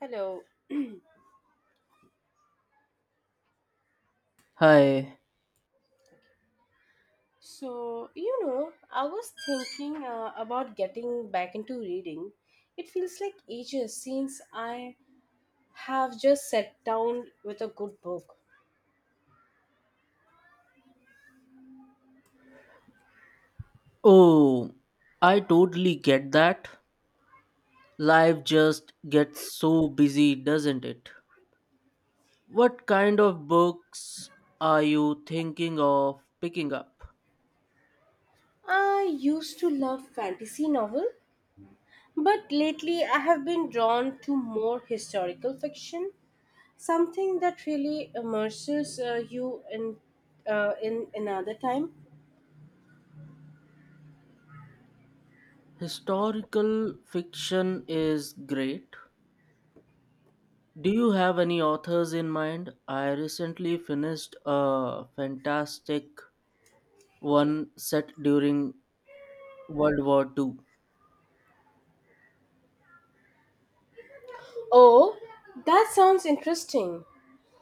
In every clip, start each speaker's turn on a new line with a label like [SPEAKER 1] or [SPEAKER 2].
[SPEAKER 1] Hello.
[SPEAKER 2] Hi.
[SPEAKER 1] So, I was thinking about getting back into reading. It feels like ages since I have just sat down with a good book.
[SPEAKER 2] Oh, I totally get that. Life just gets so busy, doesn't it? What kind of books are you thinking of picking up?
[SPEAKER 1] I used to love fantasy novel, but lately I have been drawn to more historical fiction, something that really immerses you in another time.
[SPEAKER 2] Historical fiction is great. Do you have any authors in mind? I recently finished a fantastic one set during World War II.
[SPEAKER 1] Oh, that sounds interesting.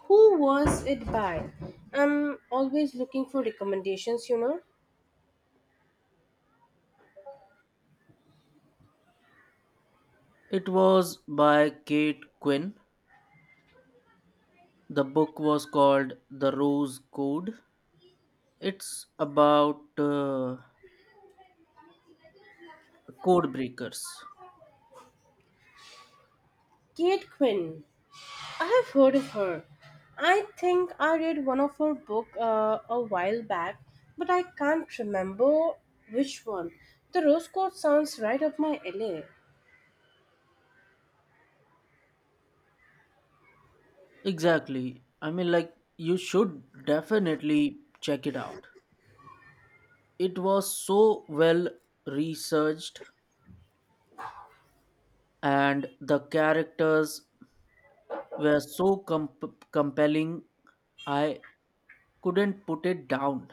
[SPEAKER 1] Who was it by? I'm always looking for recommendations.
[SPEAKER 2] It was by Kate Quinn. The book was called The Rose Code. It's about code breakers.
[SPEAKER 1] Kate Quinn. I have heard of her. I think I read one of her book a while back, but I can't remember which one. The Rose Court sounds right up my alley.
[SPEAKER 2] Exactly. I mean, like, you should definitely check it out. It was so well researched, and the characters were so compelling. I couldn't put it down.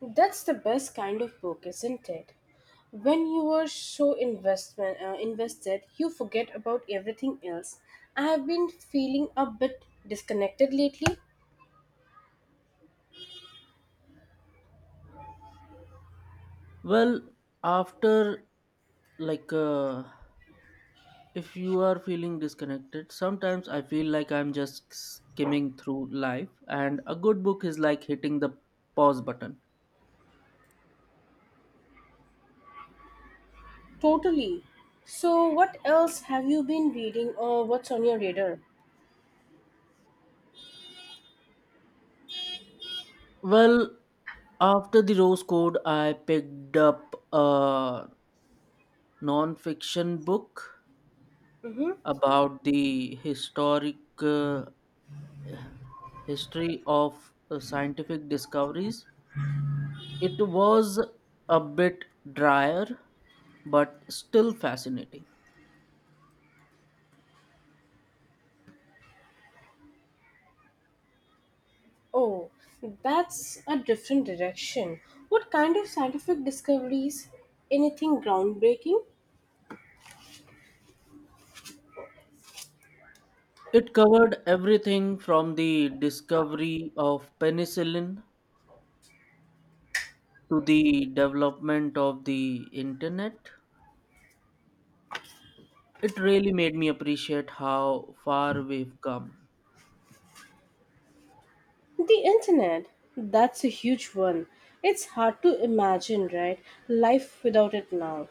[SPEAKER 1] That's the best kind of book, isn't it? When you are so investment invested, you forget about everything else. I have been feeling a bit disconnected lately.
[SPEAKER 2] Well, after like if you are feeling disconnected, sometimes I feel like I'm just skimming through life, and a good book is like hitting the pause button.
[SPEAKER 1] Totally. So, what else have you been reading, or what's on your radar?
[SPEAKER 2] Well, after the Rose Code, I picked up a non-fiction book
[SPEAKER 1] Mm-hmm.
[SPEAKER 2] about the historic uh, history of scientific discoveries. It was a bit drier, but still fascinating.
[SPEAKER 1] Oh, that's a different direction. What kind of scientific discoveries? Anything groundbreaking?
[SPEAKER 2] It covered everything from the discovery of penicillin to the development of the internet. It really made me appreciate how far we've come.
[SPEAKER 1] The internet, that's a huge one. It's hard to imagine, right? Life without it now.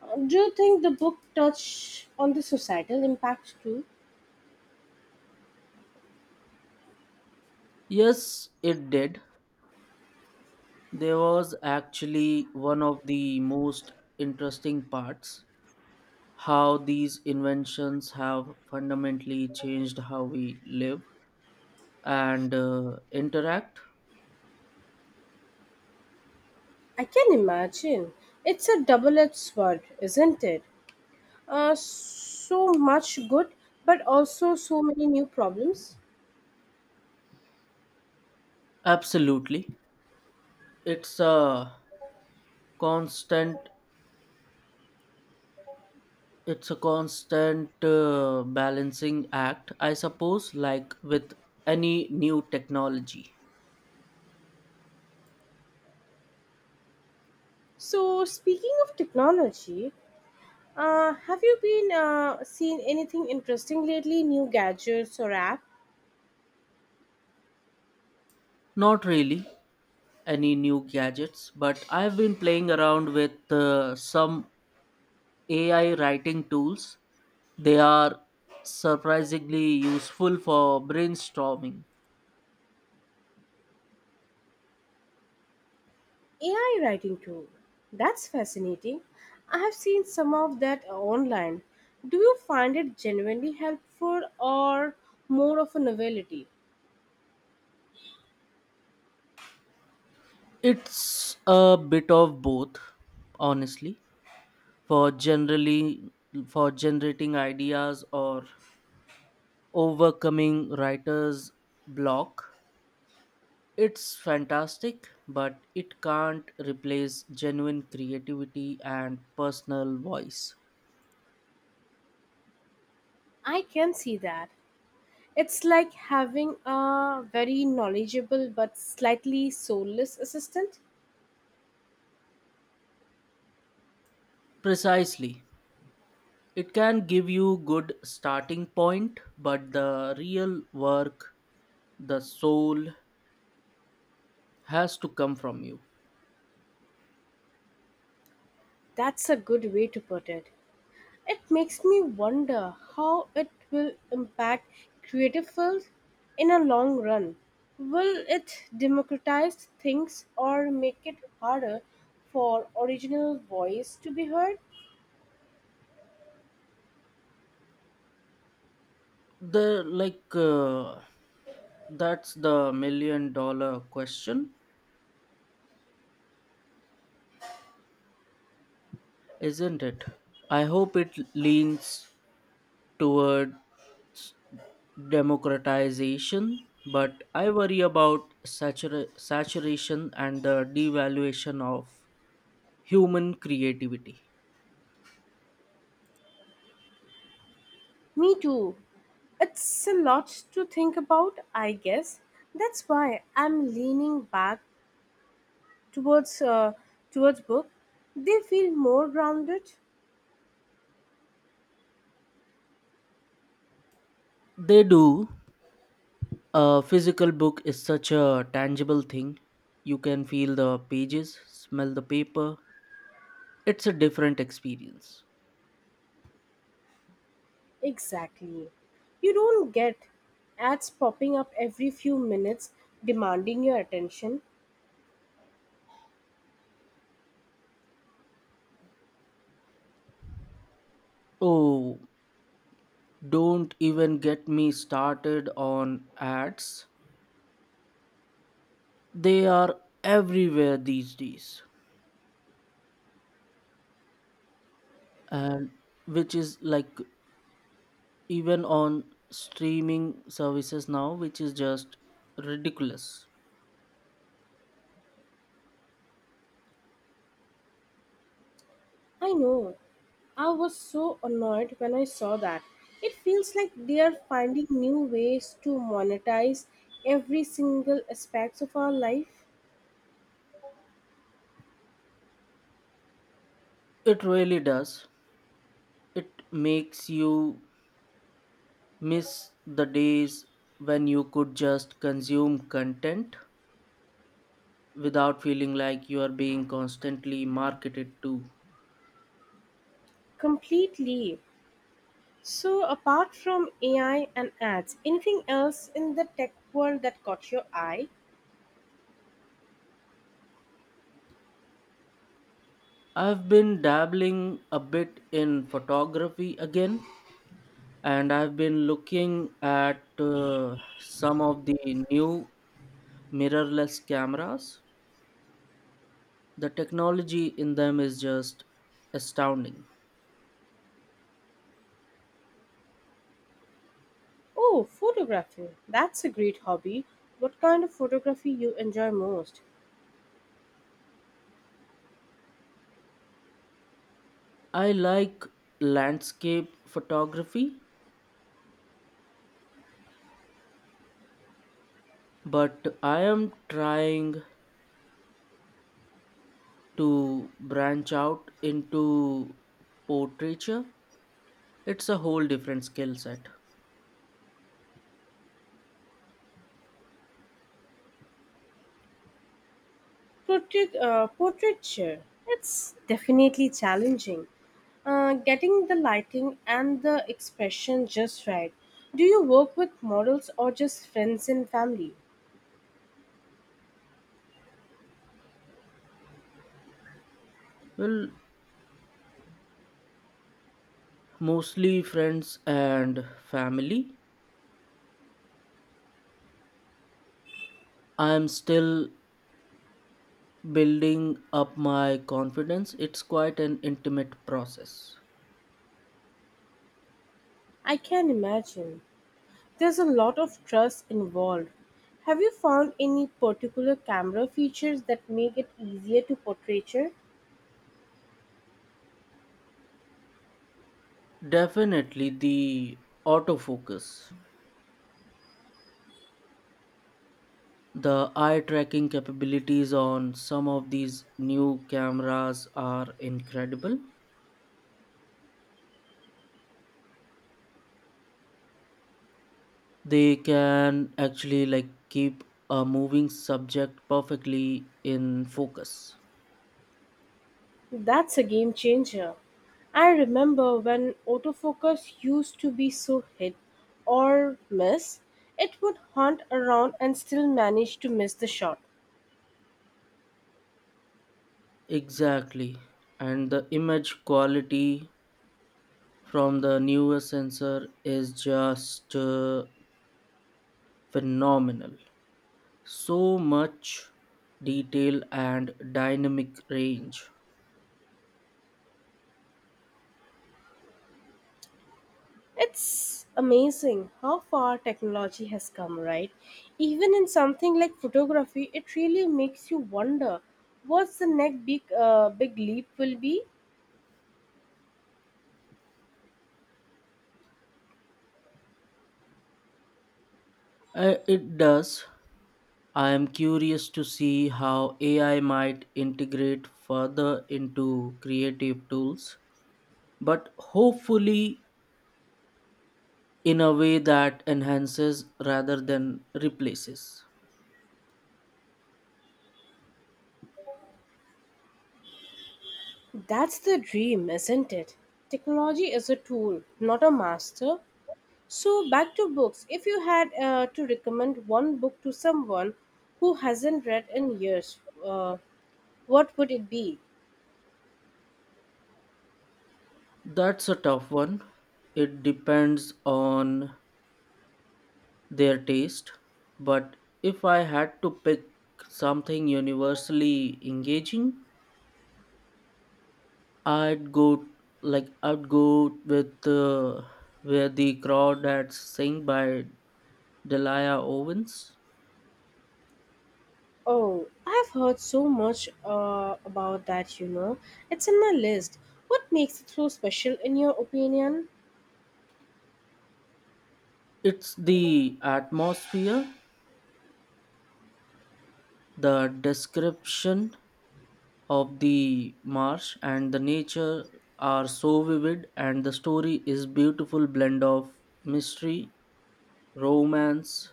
[SPEAKER 1] Do you think the book touched on the societal impact too?
[SPEAKER 2] Yes, it did. There was actually one of the most interesting parts how these inventions have fundamentally changed how we live and interact.
[SPEAKER 1] I can imagine. It's a double edged sword, isn't it? So much good, but also so many new problems.
[SPEAKER 2] Absolutely. It's a constant It's a constant balancing act, I suppose, like with any new technology.
[SPEAKER 1] So, speaking of technology, have you been seen anything interesting lately? New gadgets or apps?
[SPEAKER 2] Not really any new gadgets, but I've been playing around with some AI writing tools. They are surprisingly useful for brainstorming.
[SPEAKER 1] AI writing too. That's fascinating. I have seen some of that online. Do you find it genuinely helpful or more of a novelty?
[SPEAKER 2] It's a bit of both, honestly, for generally for generating ideas or overcoming writer's block. It's fantastic, but it can't replace genuine creativity and personal voice.
[SPEAKER 1] I can see that. It's like having a very knowledgeable but slightly soulless assistant.
[SPEAKER 2] Precisely. It can give you good starting point, but the real work, the soul has to come from you.
[SPEAKER 1] That's a good way to put it. It makes me wonder how it will impact creative fields in a long run. Will it democratize things or make it harder for original voice to be heard?
[SPEAKER 2] The like that's the million dollar question, isn't it? I hope it leans towards democratization, but I worry about saturation and the devaluation of human creativity.
[SPEAKER 1] Me too. It's a lot to think about, I guess. That's why I'm leaning back towards uh, towards book. They feel more grounded.
[SPEAKER 2] They do. A physical book is such a tangible thing. You can feel the pages, smell the paper. It's a different experience.
[SPEAKER 1] Exactly. You don't get ads popping up every few minutes demanding your attention.
[SPEAKER 2] Oh, don't even get me started on ads. They are everywhere these days, and which is like even on streaming services now, which is just ridiculous.
[SPEAKER 1] I know. I was so annoyed when I saw that. It feels like they are finding new ways to monetize every single aspect of our life
[SPEAKER 2] It really does. It makes you miss the days when you could just consume content without feeling like you are being constantly marketed to.
[SPEAKER 1] completely. So, apart from AI and ads, anything else in the tech world that caught your eye?
[SPEAKER 2] I've been dabbling a bit in photography again, and I've been looking at some of the new mirrorless cameras. The technology in them is just astounding.
[SPEAKER 1] Oh, photography. That's a great hobby. What kind of photography you enjoy most?
[SPEAKER 2] I like landscape photography, but I am trying to branch out into portraiture. It's a whole different skill set.
[SPEAKER 1] Portraiture. It's definitely challenging. Getting the lighting and the expression just right. Do you work with models or just friends and family?
[SPEAKER 2] Well, mostly friends and family. I am still building up my confidence. It's quite an intimate process.
[SPEAKER 1] I can imagine. There's a lot of trust involved. Have you found any particular camera features that make it easier to portraiture?
[SPEAKER 2] Definitely the autofocus. The eye tracking capabilities on some of these new cameras are incredible. They can actually like keep a moving subject perfectly in focus.
[SPEAKER 1] That's a game changer. I remember when autofocus used to be so hit or miss, it would hunt around and still manage to miss the shot.
[SPEAKER 2] Exactly. And the image quality from the newer sensor is just phenomenal. So much detail and dynamic range.
[SPEAKER 1] It's amazing how far technology has come, right? Even in something like photography, it really makes you wonder what's the next big leap will be.
[SPEAKER 2] It does. I am curious to see how AI might integrate further into creative tools, but hopefully in a way that enhances rather than replaces.
[SPEAKER 1] That's the dream, isn't it? Technology is a tool, not a master. So, back to books. If you had to recommend one book to someone who hasn't read in years, uh, what would it be?
[SPEAKER 2] That's a tough one. It depends on their taste, but if I had to pick something universally engaging, I'd go I'd go with where the crowd had sing by Delia Owens.
[SPEAKER 1] Oh, I've heard so much about that. It's in my list. What makes it so special, in your opinion?
[SPEAKER 2] It's the atmosphere, the description of the marsh and the nature are so vivid, and the story is beautiful blend of mystery, romance,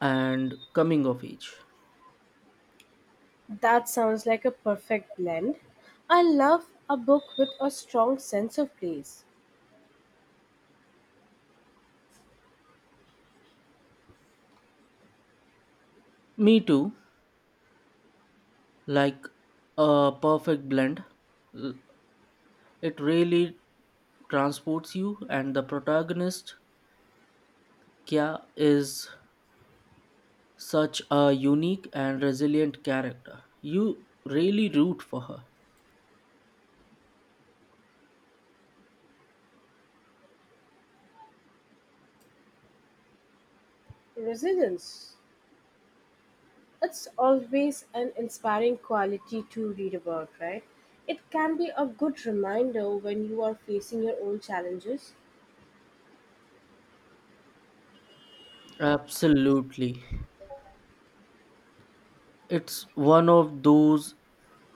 [SPEAKER 2] and coming of age.
[SPEAKER 1] That sounds like a perfect blend. I love a book with a strong sense of place,
[SPEAKER 2] Me too, like a perfect blend. L- It really transports you, and the protagonist Kya is such a unique and resilient character. You really root for her.
[SPEAKER 1] resilience. It's always an inspiring quality to read about, right? It can be a good reminder when you are facing your own challenges.
[SPEAKER 2] Absolutely. It's one of those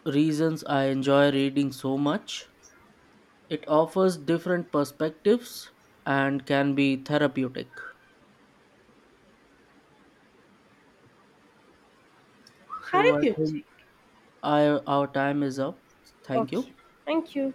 [SPEAKER 2] reasons I enjoy reading so much. It offers different perspectives and can be therapeutic. So
[SPEAKER 1] Therapeutic. Okay.
[SPEAKER 2] our time is up. Thank
[SPEAKER 1] Okay,
[SPEAKER 2] you.
[SPEAKER 1] thank you.